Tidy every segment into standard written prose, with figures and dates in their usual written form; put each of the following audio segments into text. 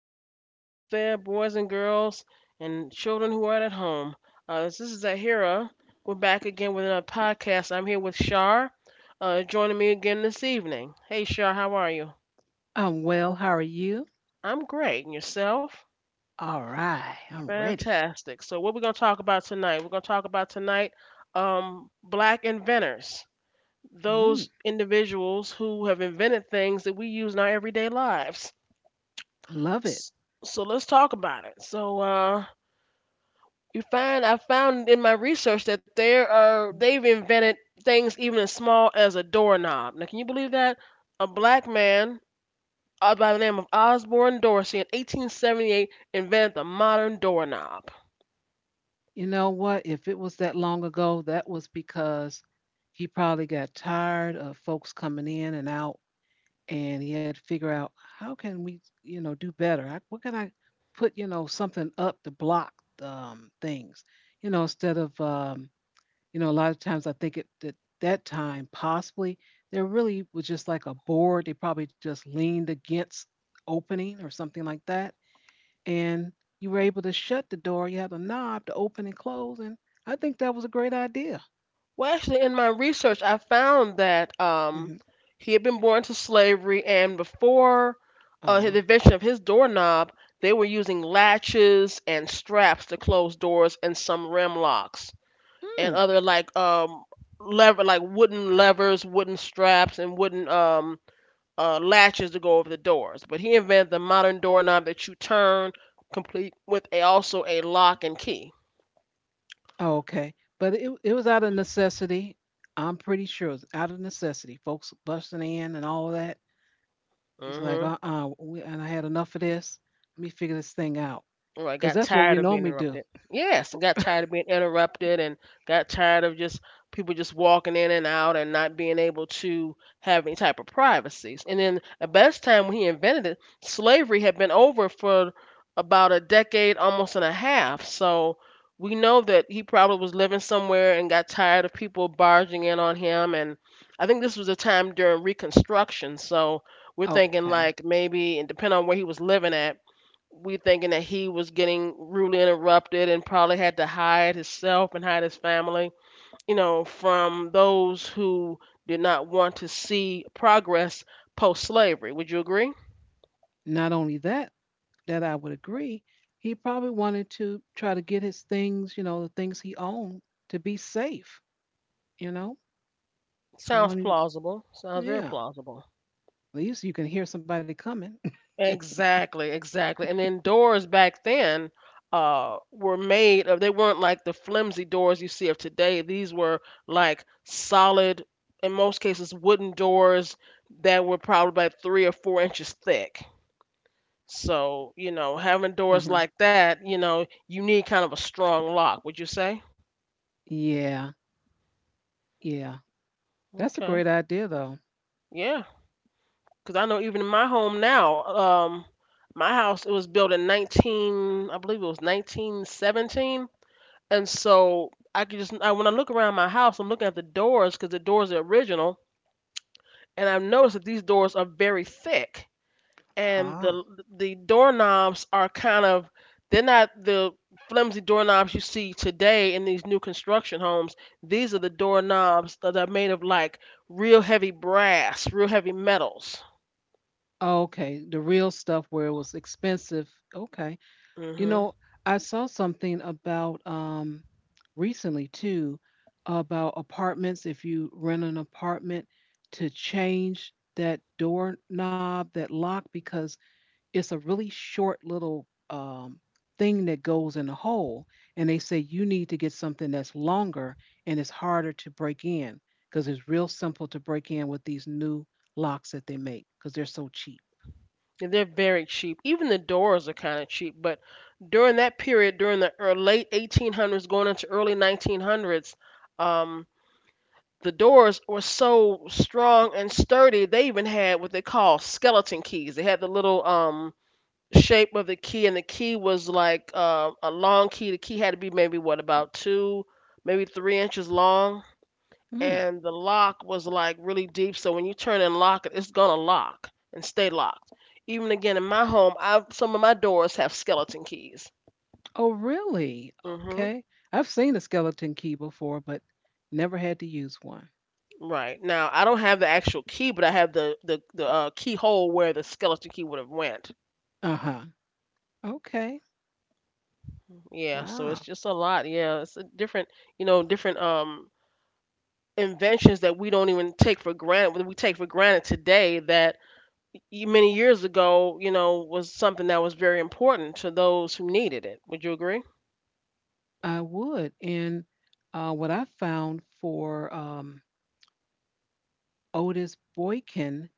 everyone out there, boys and girls, and children who are at home. This is Zahira. We're back again with another podcast. I'm here with Shar, joining me again this evening. Hey, Shar, how are you? I'm well. How are you? I'm great. And yourself? All right. I'm ready. Fantastic. So, what we're going to talk about tonight? Black inventors, those Mm, individuals who have invented things that we use in our everyday lives. love it. S- So let's talk about it. So you find I found in my research that there are they've invented things even as small as a doorknob. Now, can you believe that a black man, by the name of Osborne Dorsey in 1878, invented the modern doorknob? You know what? If it was that long ago, that was because he probably got tired of folks coming in and out, and he had to figure out how can we, you know, do better. I, what can I put, you know, something up to block things, you know, instead of You know, a lot of times I think at that time, possibly, there really was just like a board. They probably just leaned against opening or something like that. And you were able to shut the door. You had a knob to open and close. And I think that was a great idea. Well, actually, in my research, I found that, hmm he had been born to slavery, and before Uh, the invention of his doorknob, they were using latches and straps to close doors and some rim locks and hmm. other like lever, like wooden levers, wooden straps, and wooden latches to go over the doors. But he invented the modern doorknob that you turn, complete with a, also a lock and key. Oh, okay. But it was out of necessity. I'm pretty sure it was out of necessity. Folks busting in and all that. He's like, Hmm we, and I had enough of this. Let me figure this thing out. Well, I Because got that's what we tired of being normally do. interrupted. Yes, I got tired of being interrupted and got tired of just people just walking in and out and not being able to have any type of privacy. And then the best time when he invented it, slavery had been over for about a decade, almost, and a half. So we know that he probably was living somewhere and got tired of people barging in on him. And I think this was a time during Reconstruction. So we're thinking Okay. like maybe, and depending on where he was living at, we thinking that he was getting rudely interrupted and probably had to hide himself and hide his family, you know, from those who did not want to see progress post slavery. Would you agree? Not only that, that I would agree, he probably wanted to try to get his things, you know, the things he owned to be safe, you know? Don't Sounds want him plausible. to, Sounds very yeah. plausible. At least you can hear somebody coming. Exactly, exactly. And then doors back then were made of, they weren't like the flimsy doors you see of today. These were like solid, in most cases wooden doors, that were probably about 3 or 4 inches thick. So, you know, having doors Hmm. like that, you know, you need kind of a strong lock, would you say? Yeah. Yeah, that's a Okay. great idea though. Yeah. Because I know even in my home now, my house, it was built in 19, I believe it was 1917. And so I could just, when I look around my house, I'm looking at the doors because the doors are original. And I've noticed that these doors are very thick, and Ah, the the doorknobs are kind of, they're not the flimsy doorknobs you see today in these new construction homes. These are the doorknobs that are made of like real heavy brass, real heavy metals. okay, the real stuff where it was expensive. Okay. You Hmm know, I saw something about recently too about apartments if you rent an apartment to change that doorknob, that lock because it's a really short little, thing that goes in the hole, and they say you need to get something that's longer and it's harder to break in, because it's real simple to break in with these new locks that they make, because 'cause they're so cheap. And they're very cheap. Even the doors are kind of cheap, but during that period, during the ear- late 1800s going into early 1900s, um, the doors were so strong and sturdy. They even had what they call skeleton keys. They had the little shape of the key, and the key was like a long key. The key had to be maybe what about 2, maybe 3 inches long, Mm. and the lock was like really deep. So when you turn and lock it, it's gonna lock and stay locked. Even again in my home, I, some of my doors have skeleton keys. Oh, really? Mhm. Okay. I've seen a skeleton key before, but never had to use one. Right now, I don't have the actual key, but I have the keyhole where the skeleton key would have went. Uh-huh. Okay. Yeah, so it's Wow. just a lot. Yeah, it's a different, you know, different inventions that we don't even take for granted, that we take for granted today, that many years ago, you know, was something that was very important to those who needed it. Would you agree? I would. And what I found for Otis Boykin,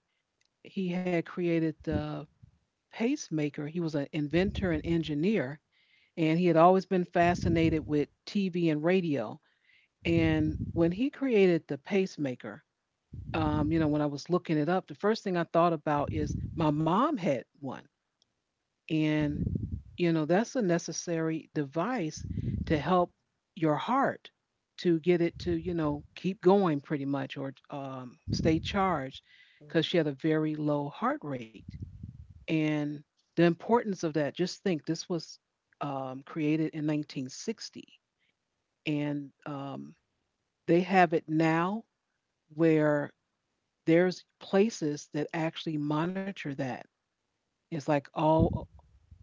he had created the pacemaker. He was an inventor and engineer, and he had always been fascinated with TV and radio. And when he created the pacemaker, you know, when I was looking it up, the first thing I thought about is my mom had one. And, you know, that's a necessary device to help your heart to get it to, you know, keep going pretty much or stay charged because she had a very low heart rate. And the importance of that, just think this was created in 1960, and they have it now where there's places that actually monitor that. It's like all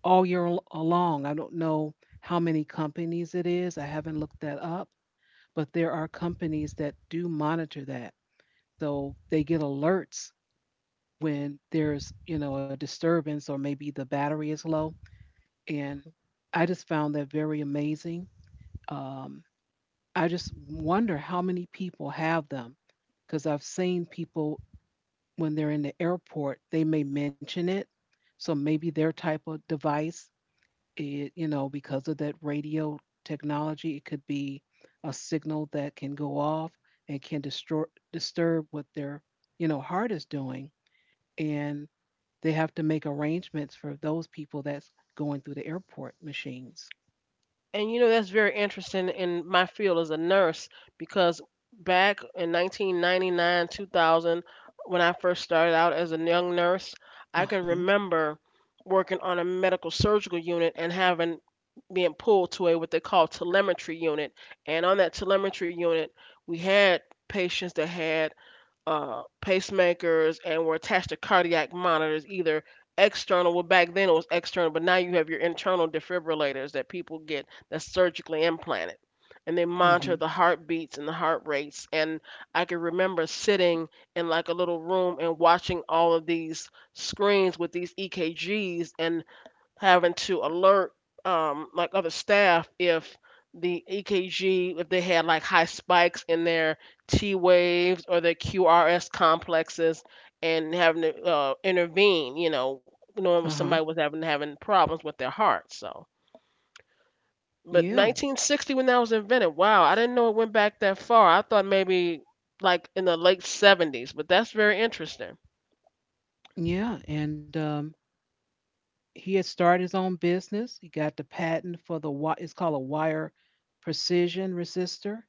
along. I don't know how many companies it is. I haven't looked that up, but there are companies that do monitor that. So they get alerts when there's, you know, a disturbance or maybe the battery is low. And I just found that very amazing. Um, I just wonder how many people have them because I've seen people when they're in the airport, they may mention it. So maybe their type of device, it, you know, because of that radio technology, it could be a signal that can go off and can destroy, disturb what their, you know, heart is doing. And they have to make arrangements for those people that's going through the airport machines. And you know, that's very interesting in my field as a nurse, because back in 1999, 2000, when I first started out as a young nurse, I can Uh-huh. remember working on a medical surgical unit and having being pulled to a what they call telemetry unit. And on that telemetry unit, we had patients that had pacemakers and were attached to cardiac monitors, either external. Well, back then it was external, but now you have your internal defibrillators that people get that's surgically implanted. And they monitor Mm-hmm. the heartbeats and the heart rates. And I can remember sitting in like a little room and watching all of these screens with these EKGs, and having to alert like other staff if the EKG, if they had like high spikes in their T waves or their QRS complexes, and having to intervene. You know, knowing when Uh somebody huh. was having problems with their heart. So, but Yeah. 1960 when that was invented. Wow, I didn't know it went back that far. I thought maybe like in the late 70s, but that's very interesting. Yeah. And he had started his own business. He got the patent for the it's called a wire precision resistor,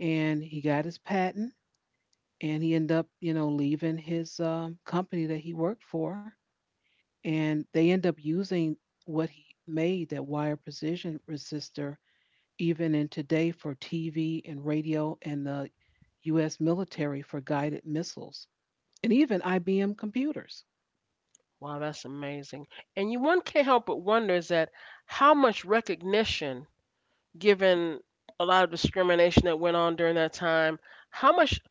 and he got his patent. And he ended up, you know, leaving his company that he worked for, and they end up using what he made that wire precision resistor even in today for TV and radio and the U.S. military for guided missiles, and even IBM computers. Wow, that's amazing. And you, one can't help but wonder, is that, how much recognition, given a lot of discrimination that went on during that time, how much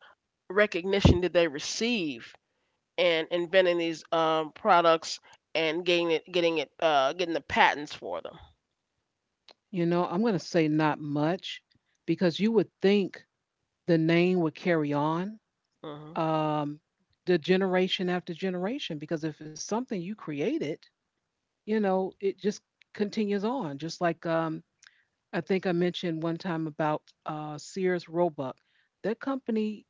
recognition did they receive in inventing these products and getting the patents for them? You know, I'm gonna say not much because you would think the name would carry on, Hmm um, the generation after generation because if it's something you created, you know, it just continues on. Just like I think I mentioned one time about Sears Roebuck, that company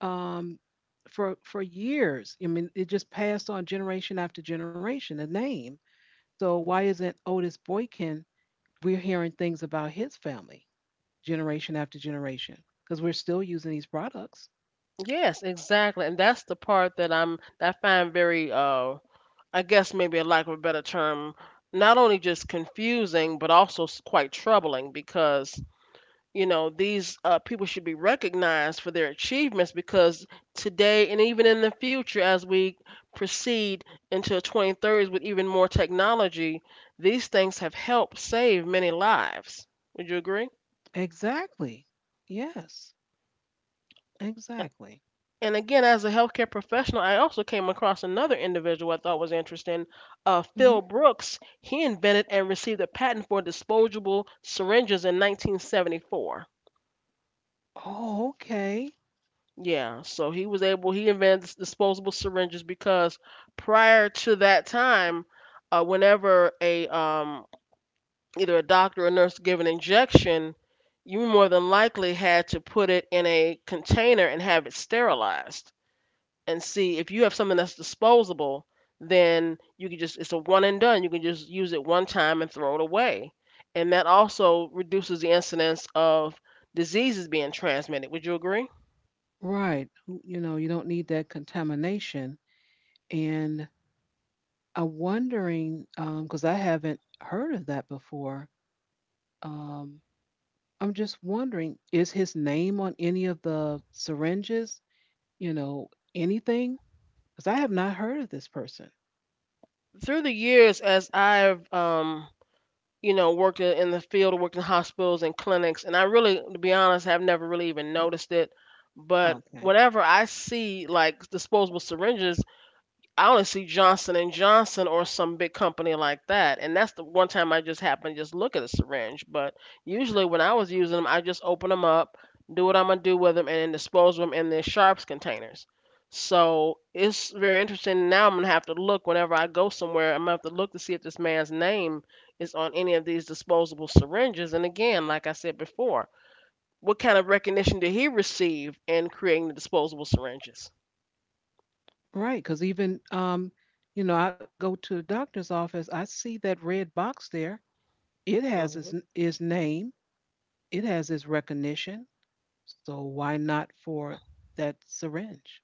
um, for years, I mean, it just passed on generation after generation the name. So why isn't Otis Boykin? We're hearing things about his family generation after generation because we're still using these products. Yes, exactly. And that's the part that I find very I guess, maybe a lack of a better term, not only just confusing but also s- quite troubling, because you know these people should be recognized for their achievements. Because today and even in the future, as we proceed into the 2030s with even more technology, these things have helped save many lives. Would you agree? Exactly. Yes. Exactly. And again, as a healthcare professional, I also came across another individual I thought was interesting. Uh, Hmm. phil Brooks, he invented and received a patent for disposable syringes in 1974. Oh, okay. Yeah, so he was able, he invented s- disposable syringes because prior to that time, whenever a, either a doctor or nurse gave an injection, you more than likely had to put it in a container and have it sterilized. And see, if you have something that's disposable, then you can just, it's a one and done. You can just use it one time and throw it away. And that also reduces the incidence of diseases being transmitted. Would you agree? Right. You know, you don't need that contamination. And I'm wondering, because I haven't heard of that before. Um, I'm just wondering, is his name on any of the syringes? You know, anything? Because I have not heard of this person. Through the years, as I've you know worked in the field, worked in hospitals and clinics, and I really, to be honest, have never really even noticed it. But Okay. whenever I see like disposable syringes, I only see Johnson and Johnson or some big company like that, and that's the one time I just happened to just look at a syringe. But usually when I was using them, I just open them up, do what I'm gonna do with them, and then dispose of them in their sharps containers. So it's very interesting. Now I'm gonna have to look whenever I go somewhere. I'm gonna have to look to see if this man's name is on any of these disposable syringes. And again, like I said before, what kind of recognition did he receive in creating the disposable syringes? Right, because even you know, I go to the doctor's office, I see that red box there. It has Mm-hmm. His name, it has his recognition. So why not for that syringe?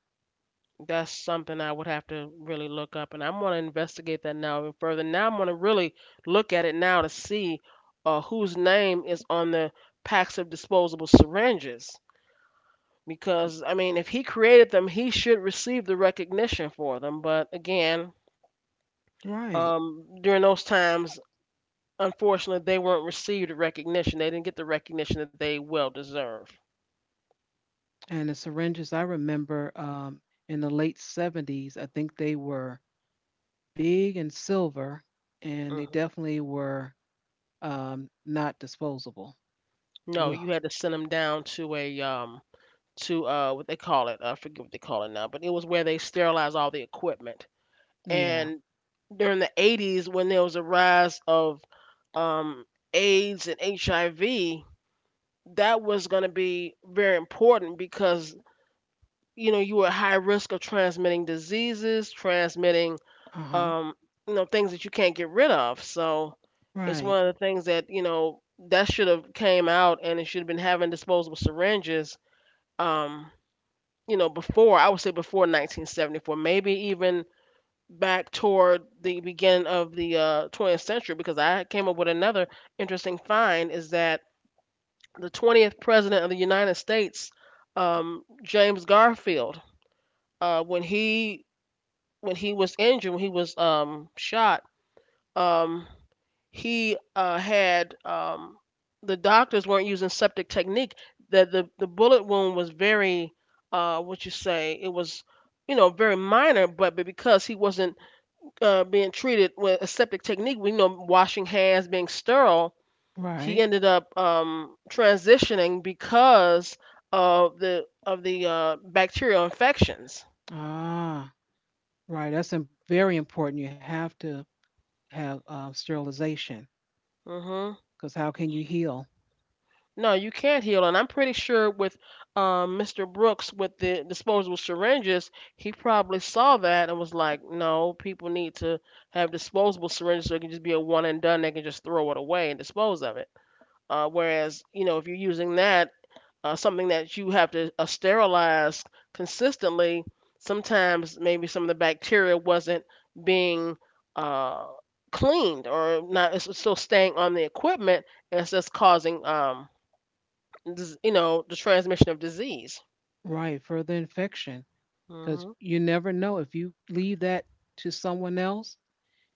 That's something I would have to really look up, and I'm gonna investigate that now even further. Now I'm gonna really look at it now to see whose name is on the packs of disposable syringes. Because I mean, if he created them, he should receive the recognition for them. But again, Right. During those times, unfortunately, they weren't received the recognition. They didn't get the recognition that they well deserve. And the syringes, I remember in the late 70s, I think they were big and silver, and they Hmm definitely were not disposable. No, Ugh. you had to send them down to a, to what they call it. I forget what they call it now, but it was where they sterilized all the equipment. Yeah. And during the 80s, when there was a rise of, um, AIDS and HIV, that was going to be very important because you know you were at high risk of transmitting diseases, transmitting, Uh huh. um, you know, things that you can't get rid of. So it's Right. one of the things that you know that should have came out, and it should have been having disposable syringes. Um, you know, before, I would say before 1974, maybe even back toward the beginning of the, 20th century, because I came up with another interesting find is that the 20th president of the United States, James Garfield, when he, when he was injured, when he was shot, um, he had, the doctors weren't using septic technique. That the bullet wound was very what you say, it was, you know, very minor, but because he wasn't being treated with a septic technique, we know, washing hands, being sterile, he Right. ended up transitioning because of the, of the bacterial infections. Ah. Right, that's im very important. You have to have, sterilization, hmm because how can you heal? No, you can't heal, and I'm pretty sure with Mr. Brooks with the disposable syringes, he probably saw that and was like, "No, people need to have disposable syringes so it can just be a one and done. They can just throw it away and dispose of it." Whereas, if you're using that something that you have to sterilize consistently, sometimes maybe some of the bacteria wasn't being uh, cleaned or not. It's still staying on the equipment, and it's just causing the transmission of disease. Right, further infection, because Mhm. you never know if you leave that to someone else,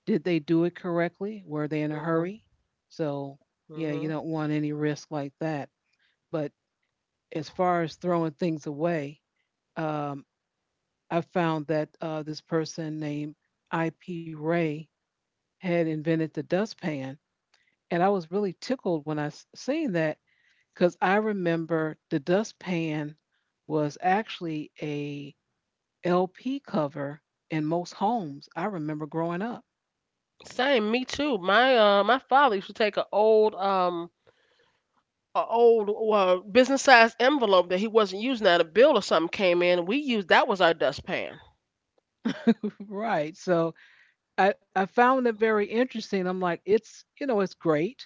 did they do it correctly? Were they in a Mhm. hurry? So, yeah, Mhm. you don't want any risk like that. But as far as throwing things away, um, I found that, this person named IP Ray had invented the dustpan, and I was really tickled when I s seen that. Because I remember the dustpan was actually a LP cover in most homes. I remember growing up. Same. Me too. My father used to take an old a old business size envelope that he wasn't using out. A bill or something came in, and we used That was our dustpan. Right. So I found it very interesting. I'm like, it's, you know, it's great.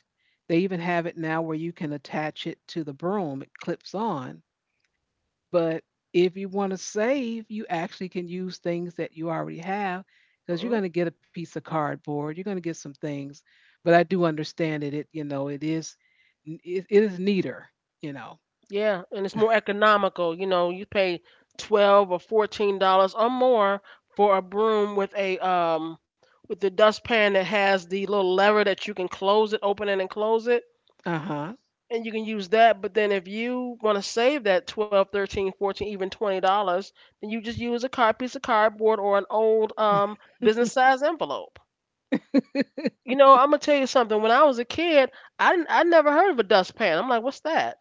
They even have it now where you can attach it to the broom, it clips on. But if you want to save, you actually can use things that you already have because you're Mhm. going to get a piece of cardboard, you're going to get some things. But I do understand it. It you know it is it is neater. You know. Yeah, and it's more economical. You know, you pay $12 or $14 or more for a broom with a with the dustpan that has the little lever that you can close it, open it, and close it. Uh huh. And you can use that, but then if you want to save that 12, 13, 14, even $20, then you just use a card piece of cardboard or an old business size envelope. You know, I'm gonna tell you something. When I was a kid, I never heard of a dustpan. I'm like, what's that?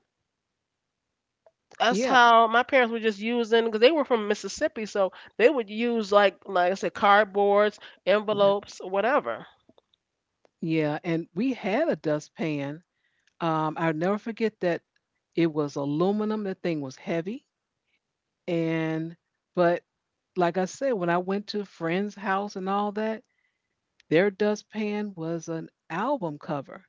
That's Yep. how my parents were just using, because they were from Mississippi. So they would use, like I said, cardboards, Yep. envelopes, whatever. Yeah. And we had a dustpan. I'll never forget that it was aluminum. That thing was heavy. And but like I said, when I went to friends' house and all that, their dustpan was an album cover,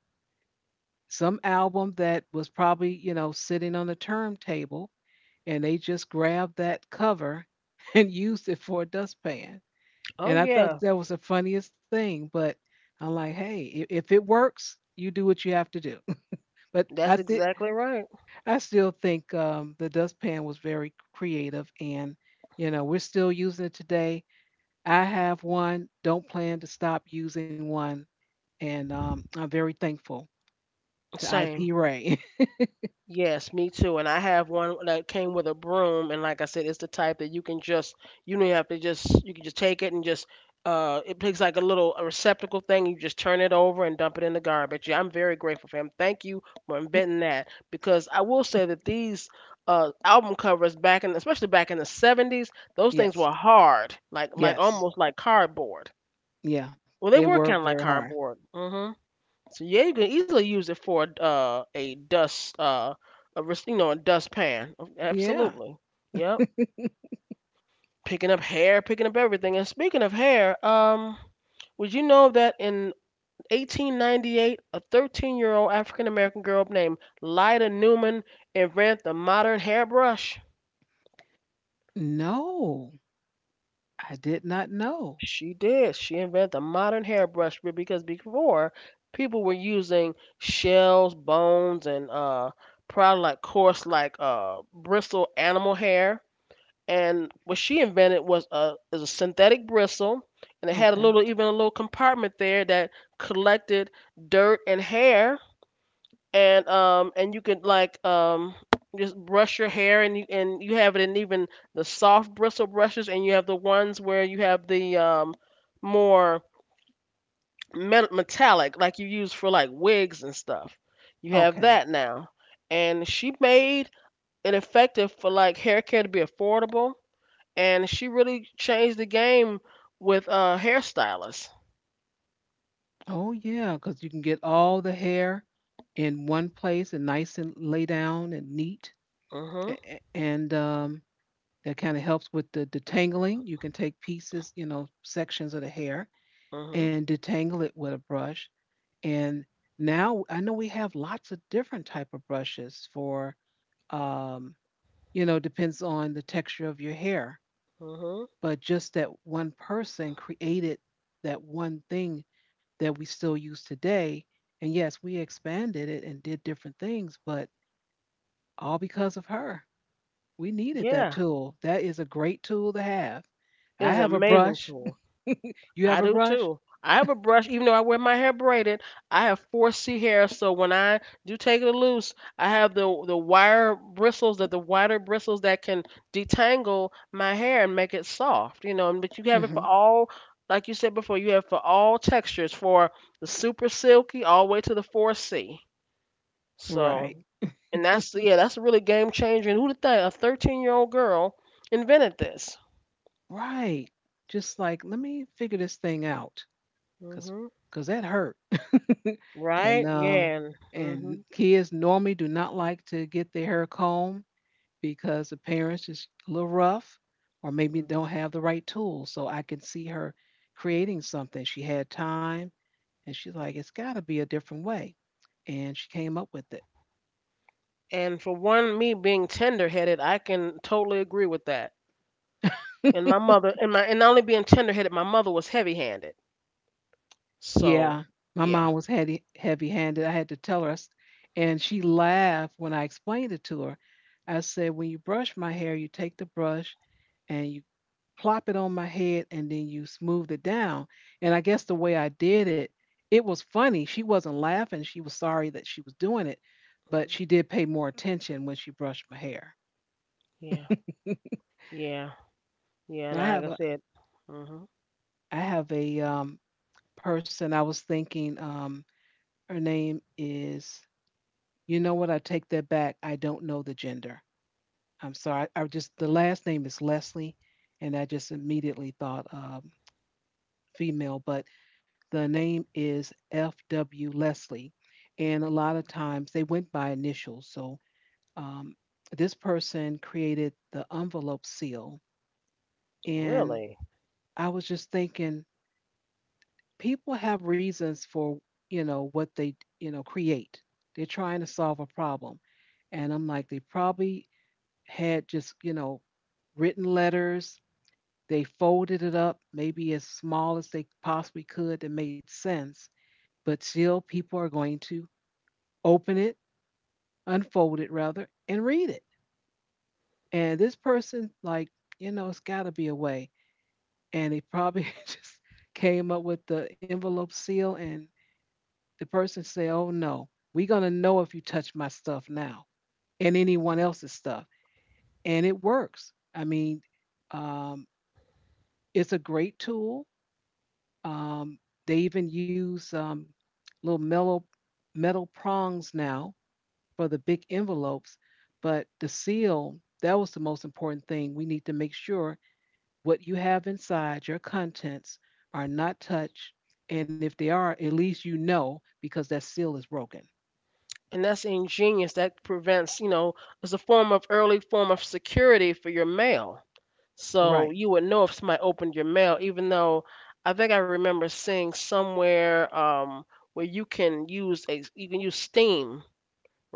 some album that was probably, you know, sitting on a turntable, and they just grabbed that cover and used it for a dustpan. Oh, And I thought yeah. that was the funniest thing, but I'm like, hey, if it works, you do what you have to do. But I That's think exactly right. I still think the dustpan was very creative, and you know, we're still using it today. I have one, don't plan to stop using one, and I'm very thankful to Same. IP Ray. Yes, me too. And I have one that came with a broom, and like I said, it's the type that you can just you don't even have to just you can just take it and just it takes like a little a receptacle thing. You just turn it over and dump it in the garbage. Yeah, I'm very grateful for him. Thank you for inventing that, because I will say that these album covers back in, especially back in the 70s, those things Yes. were hard, like Yes. almost like cardboard. Yeah. Well, They they were were kind of very like hard. cardboard. So yeah, you can easily use it for a dust a res- you know a dustpan. Oh, Yeah. absolutely. Yep. Picking up hair, picking up everything. And speaking of hair, would you know that in 1898, a 13-year-old African American girl named Lyda Newman invented the modern hairbrush? No, I did not know. She did. She invented the modern hairbrush because before people were using shells, bones, and probably like coarse like bristle animal hair. And what she invented was a is a synthetic bristle, and it had a Okay. little, even a little compartment there that collected dirt and hair, and you could like just brush your hair, and you, and you have it in, even the soft bristle brushes, and you have the ones where you have the more metallic, like you use for like wigs and stuff. You have that Okay. now. And she made it effective for like hair care to be affordable, and she really changed the game with hairstylists. Oh, yeah, because you can get all the hair in one place and nice and lay down and neat. Mhm. And that kind of helps with the detangling. You can take pieces, you know, sections of the hair Mhm. and detangle it with a brush. And now I know we have lots of different type of brushes for, um, you know, depends on the texture of your hair. Mhm. But just that one person created that one thing that we still use today. And yes, we expanded it and did different things, but all because of her. We needed that Yeah, tool. That is a great tool to have. I it's an have a amazing brush. tool. You I have a do brush? too. I have a brush, even though I wear my hair braided. I have 4C hair, so when I do take it loose, I have the wire bristles, that the wider bristles that can detangle my hair and make it soft. You know, and but you have it for Hmm. all, like you said before, you have for all textures, for the super silky all the way to the 4C. Right. So, that's a really game changer. And who would think a 13-year-old girl invented this? Right. Just like, let me figure this thing out because cause hmm 'cause that hurt. and Right? um Yeah. Mm-hmm. and Mm-hmm. kids normally do not like to get their hair combed because the parents is a little rough or maybe don't have the right tools. So I can see her creating something. She had time and she's like, it's got to be a different way. And she came up with it. And for one, me being tender-headed, I can totally agree with that. And my mother, and my, and not only being tender-headed, my mother was heavy-handed. Yeah, So, my yeah, mom was heavy-handed. I had to tell her, and she laughed when I explained it to her. I said, "When you brush my hair, you take the brush and you plop it on my head and then you smooth it down." And I guess the way I did it, it was funny. She wasn't laughing. She was sorry that she was doing it, but Mhm. she did pay more attention when she brushed my hair. yeah, yeah, yeah. Now And like I said, hmm I have a person I was thinking her name is. You know what? I take that back. I don't know the gender. I'm sorry. I just the last name is Leslie, and I just immediately thought female, but the name is F.W. Leslie, and a lot of times they went by initials. So um, this person created the envelope seal, and really, I was just thinking, people have reasons for what they create. They're trying to solve a problem, and I'm like, they probably had just written letters. They folded it up maybe as small as they possibly could that made sense, but still people are going to open it, unfold it rather, and read it. And this person, like, you know, it's got to be a way. And they probably just came up with the envelope seal, and the person said, "Oh no, we're going to know if you touch my stuff now and anyone else's stuff." And it works. I mean, um, it's a great tool. Um, they even use little metal metal prongs now for the big envelopes, but the seal, that was the most important thing. We need to make sure what you have inside, your contents, are not touched, and if they are, at least you know, because that seal is broken. and that's ingenious. That prevents, you know, it's a form of early form of security for your mail. So Right. you would know if somebody opened your mail, even though I think I remember seeing somewhere, where you can use steam,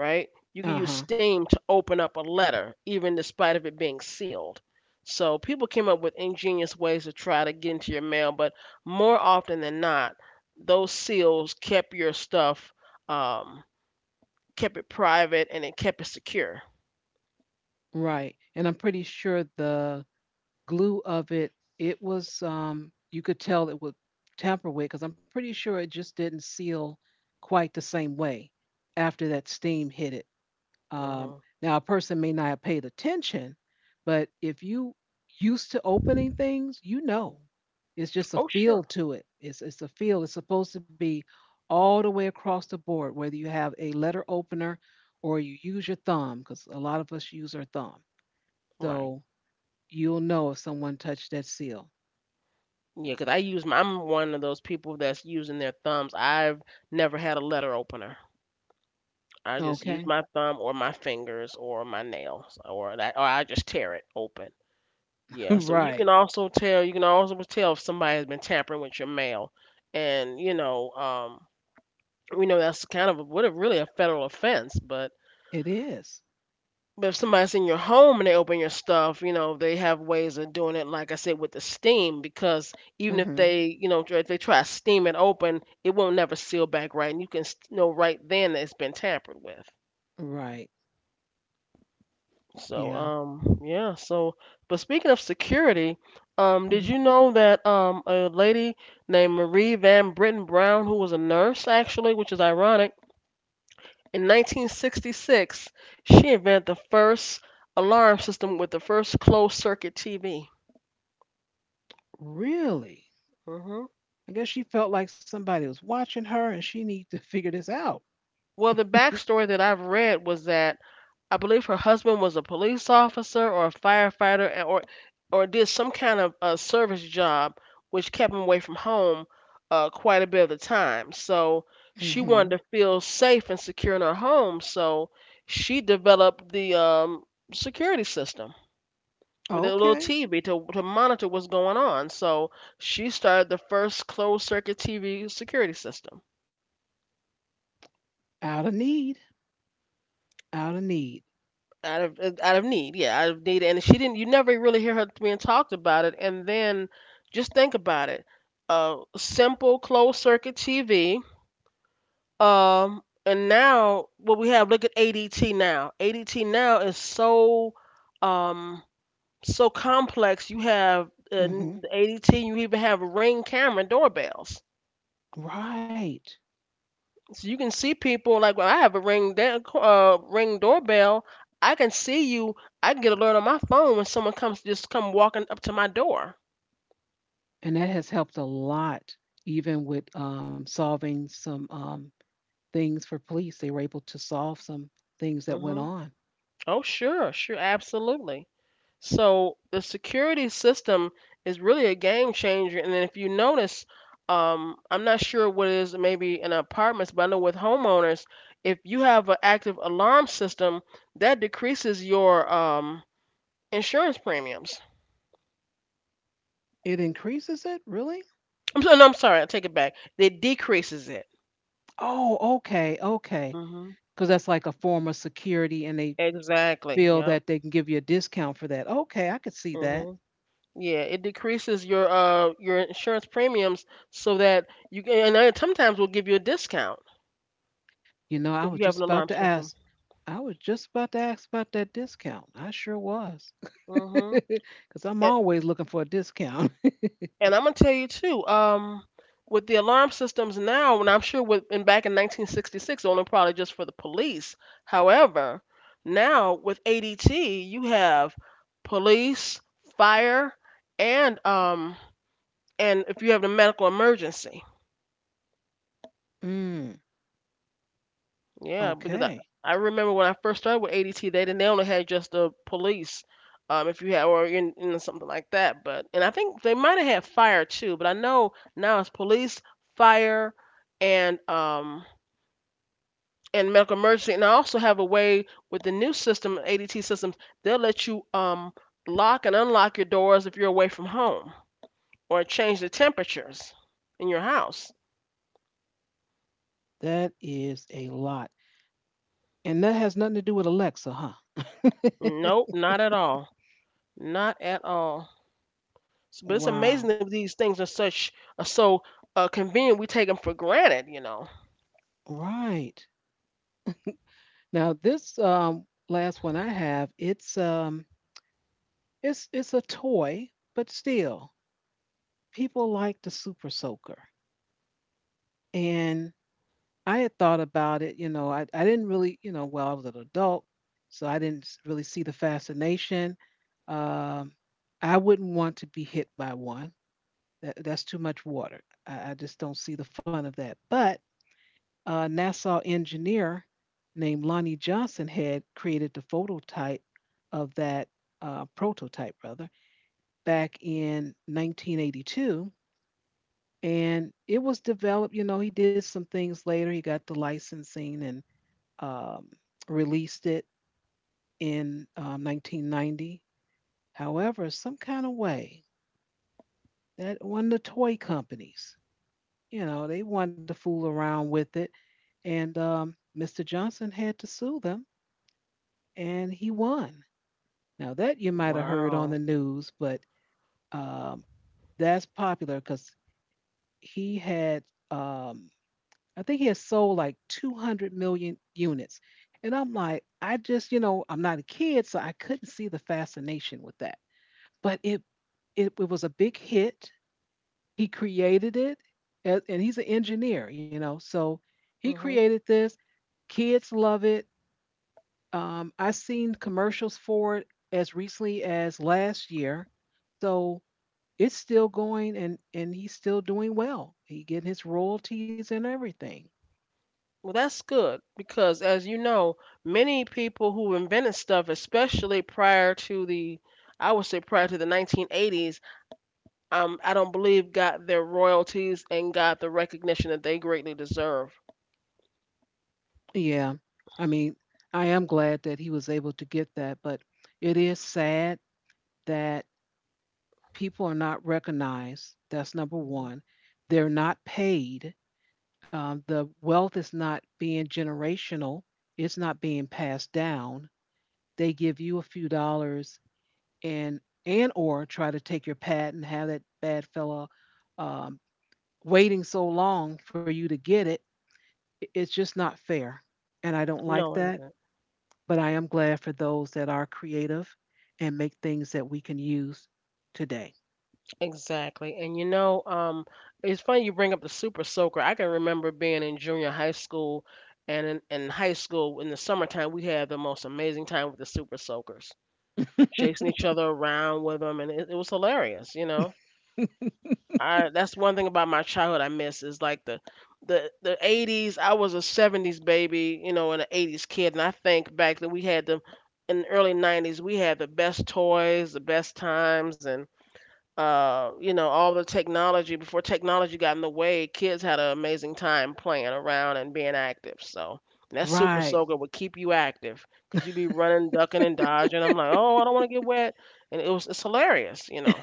right? You can Uh use huh. steam to open up a letter, even despite of it being sealed. So people came up with ingenious ways to try to get into your mail, but more often than not, those seals kept your stuff, um, kept it private, and it kept it secure. Right. And I'm pretty sure the glue of it, it was you could tell it would tamper with, because I'm pretty sure it just didn't seal quite the same way after that steam hit it. hmm Um, Now a person may not have paid attention, but if you used to opening things, it's just a Oh, feel sure. to it. It's a feel. It's supposed to be all the way across the board, whether you have a letter opener or you use your thumb, because a lot of us use our thumb. Right. So you'll know if someone touched that seal. Yeah, 'cause I'm one of those people that's using their thumbs. I've never had a letter opener. I just Okay. use my thumb or my fingers or my nails or that, or I just tear it open. Yeah, so you Right. can also tell you can also tell if somebody has been tampering with your mail, and you know, we know that's kind of a really a federal offense. It is. But if somebody's in your home and they open your stuff, you know, they have ways of doing it. Like I said, with the steam, because even if Hmm. they, you know, if they try to steam it open, it won't never seal back right, and you can know right then that it's been tampered with. Right. So, Yeah. Yeah. So, but speaking of security, did hmm you know that a lady named Marie Van Britten Brown, who was a nurse actually, which is ironic, in 1966, she invented the first alarm system with the first closed circuit TV? Really? hmm I guess she felt like somebody was watching her and she needed to figure this out. Well, the Mm backstory that I've read was that I believe her husband was a police officer or a firefighter or did some kind of a service job which kept him away from home quite a bit of the time. So she hmm wanted to feel safe and secure in her home. So she developed the security system with a little Okay. TV to monitor what's going on. So she started the first closed circuit TV security system. Out of need. Out of need. Out of need, yeah, out of need. And she didn't. You never really hear her being talked about it. And then just think about it. Simple closed circuit TV. And now what we have. Look at ADT now. ADT now is so um so complex. You have Mm hmm ADT. You even have ring camera doorbells. Right. So you can see people, like when I have a ring doorbell, I can see you. I can get alert on my phone when someone come walking up to my door. And that has helped a lot, even with solving some things for police. They were able to solve some things that went hmm on. Oh sure, sure, absolutely. So the security system is really a game changer. And then if you notice, I'm not sure what it is maybe in apartments, but I know with homeowners, if you have an active alarm system, that decreases your insurance premiums. It increases it? Really? No, I'm sorry. I take it back. It decreases it. Oh, okay, okay. hmm Because that's like a form of security, and they Exactly. feel Yep. that they can give you a discount for that. Okay, I could see that. hmm Yeah, it decreases your insurance premiums, so that you can, and then sometimes we'll give you a discount You know, I if was you have just an about alarm to system. ask. I was just about to ask about that discount. I sure was. hmm Because I'm And, always looking for a discount. and I'm gonna tell you too. With the alarm systems now, and I'm sure with in back in 1966, only probably just for the police. However, now with ADT, you have police, fire, and um and if you have a medical emergency. Mm, Yeah, because I, okay. I remember when I first started with ADT, they didn't they only had just the police, if you had or in something like that. But and I think they might have had fire too, but I know now it's police, fire, and um and medical emergency. And I also have a way with the new system, ADT systems, they'll let you lock and unlock your doors if you're away from home, or change the temperatures in your house. That is a lot. And that has nothing to do with Alexa, huh? Nope, not at all. Not at all. S- But it's Wow. amazing that these things are such are so convenient. We take them for granted, you know. Right. Now this last one I have, it's a toy, but still people like the Super Soaker. And I had thought about it, you know, I didn't really, you know, well, I was an adult, so I didn't really see the fascination. Um, I wouldn't want to be hit by one. That's too much water. I just don't see the fun of that. But a Nassau engineer named Lonnie Johnson had created the phototype of that prototype, rather, back in 1982. And it was developed, you know, he did some things later. He got the licensing and um, released it in 1990. However, some kind of way that one of the toy companies, you know, they wanted to fool around with it. And Mr. Johnson had to sue them and he won. Now that you might have heard on the Wow. news, but um, that's popular because he had, um, I think he had sold like 200 million units, and I'm like, I just, you know, I'm not a kid, so I couldn't see the fascination with that. But it was a big hit. He created it, and he's an engineer, you know, so he hmm created this. Kids love it. I seen commercials for it as recently as last year, so it's still going, and he's still doing well. He getting his royalties and everything. Well, that's good because, as you know, many people who invented stuff, especially prior to the, I would say prior to the 1980s, I don't believe got their royalties and got the recognition that they greatly deserve. Yeah, I mean, I am glad that he was able to get that, but it is sad that people are not recognized. That's number Mhm. one. They're not paid. The wealth is not being generational. It's not being passed down. They give you a few dollars and or try to take your pad and have that bad fella um, waiting so long for you to get it. It's just not fair, and I don't like No, it that. isn't. But I am glad for those that are creative and make things that we can use today. Exactly. And you know, it's funny you bring up the super soaker. I can remember being in junior high school and in high school in the summertime. We had the most amazing time with the super soakers, chasing each other around with them. And it was hilarious, you know. I, that's one thing about my childhood I miss is like the 80s. I was a 70s baby, you know, and an 80s kid. And I think back then we had the, in the early 90s, we had the best toys, the best times, and you know, all the technology before technology got in the way, kids had an amazing time playing around and being active. So and that super Right. soaker would keep you active because you'd be running, ducking, and dodging. I'm like, oh, I don't want to get wet, and it's hilarious, you know.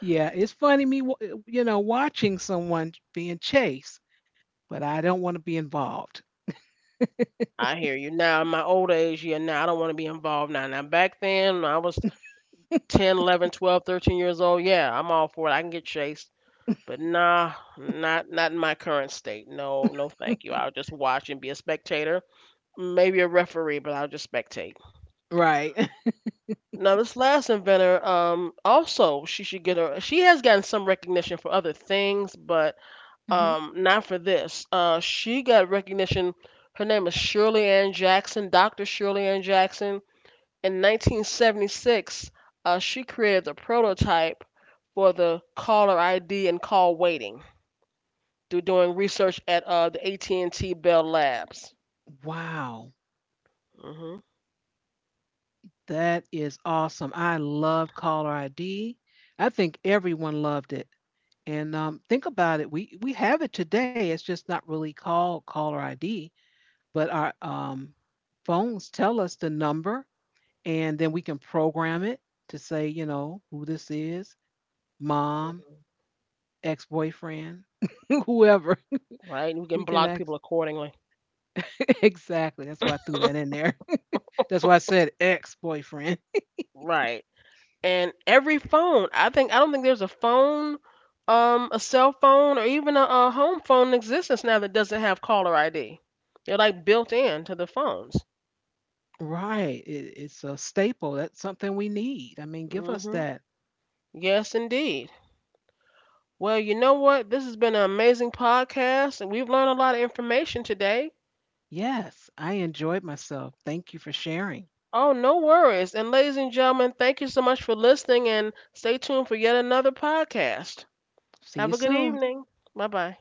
Yeah, it's funny, me you know, watching someone being chased, but I don't want to be involved. I hear you. Now in my old age, yeah, now I don't want to be involved now. Now back then, when I was 10, 11, 12, 13 years old, yeah, I'm all for it. I can get chased. But nah, not in my current state. No, no, thank you. I'll just watch and be a spectator, maybe a referee, but I'll just spectate. Right. Now, this last inventor, also she should get her. She has gotten some recognition for other things, but Hmm. Not for this. She got recognition. Her name is Shirley Ann Jackson, Dr. Shirley Ann Jackson. In 1976, she created the prototype for the caller ID and call waiting. Do Doing research at the AT&T Bell Labs. Wow. mm That is awesome. I loved caller ID. I think everyone loved it. And think about it. We have it today. It's just not really called caller ID, but our phones tell us the number, and then we can program it to say, you know, who this is: mom, Mhm. ex-boyfriend, whoever. Right, we We can can block ask. people accordingly. Exactly. That's why I threw that in there. That's why I said ex-boyfriend. Right. And every phone, I think, I don't think there's a phone, a cell phone or even a home phone in existence now that doesn't have caller ID. They're like built in to the phones. Right. It's a staple. That's something we need. I mean, give us hmm that. yes, indeed. Well, you know what, this has been an amazing podcast and we've learned a lot of information today. Yes, I enjoyed myself. Thank you for sharing. Oh, no worries. And ladies and gentlemen, thank you so much for listening, and stay tuned for yet another podcast. See you Have a good soon. evening. Bye bye.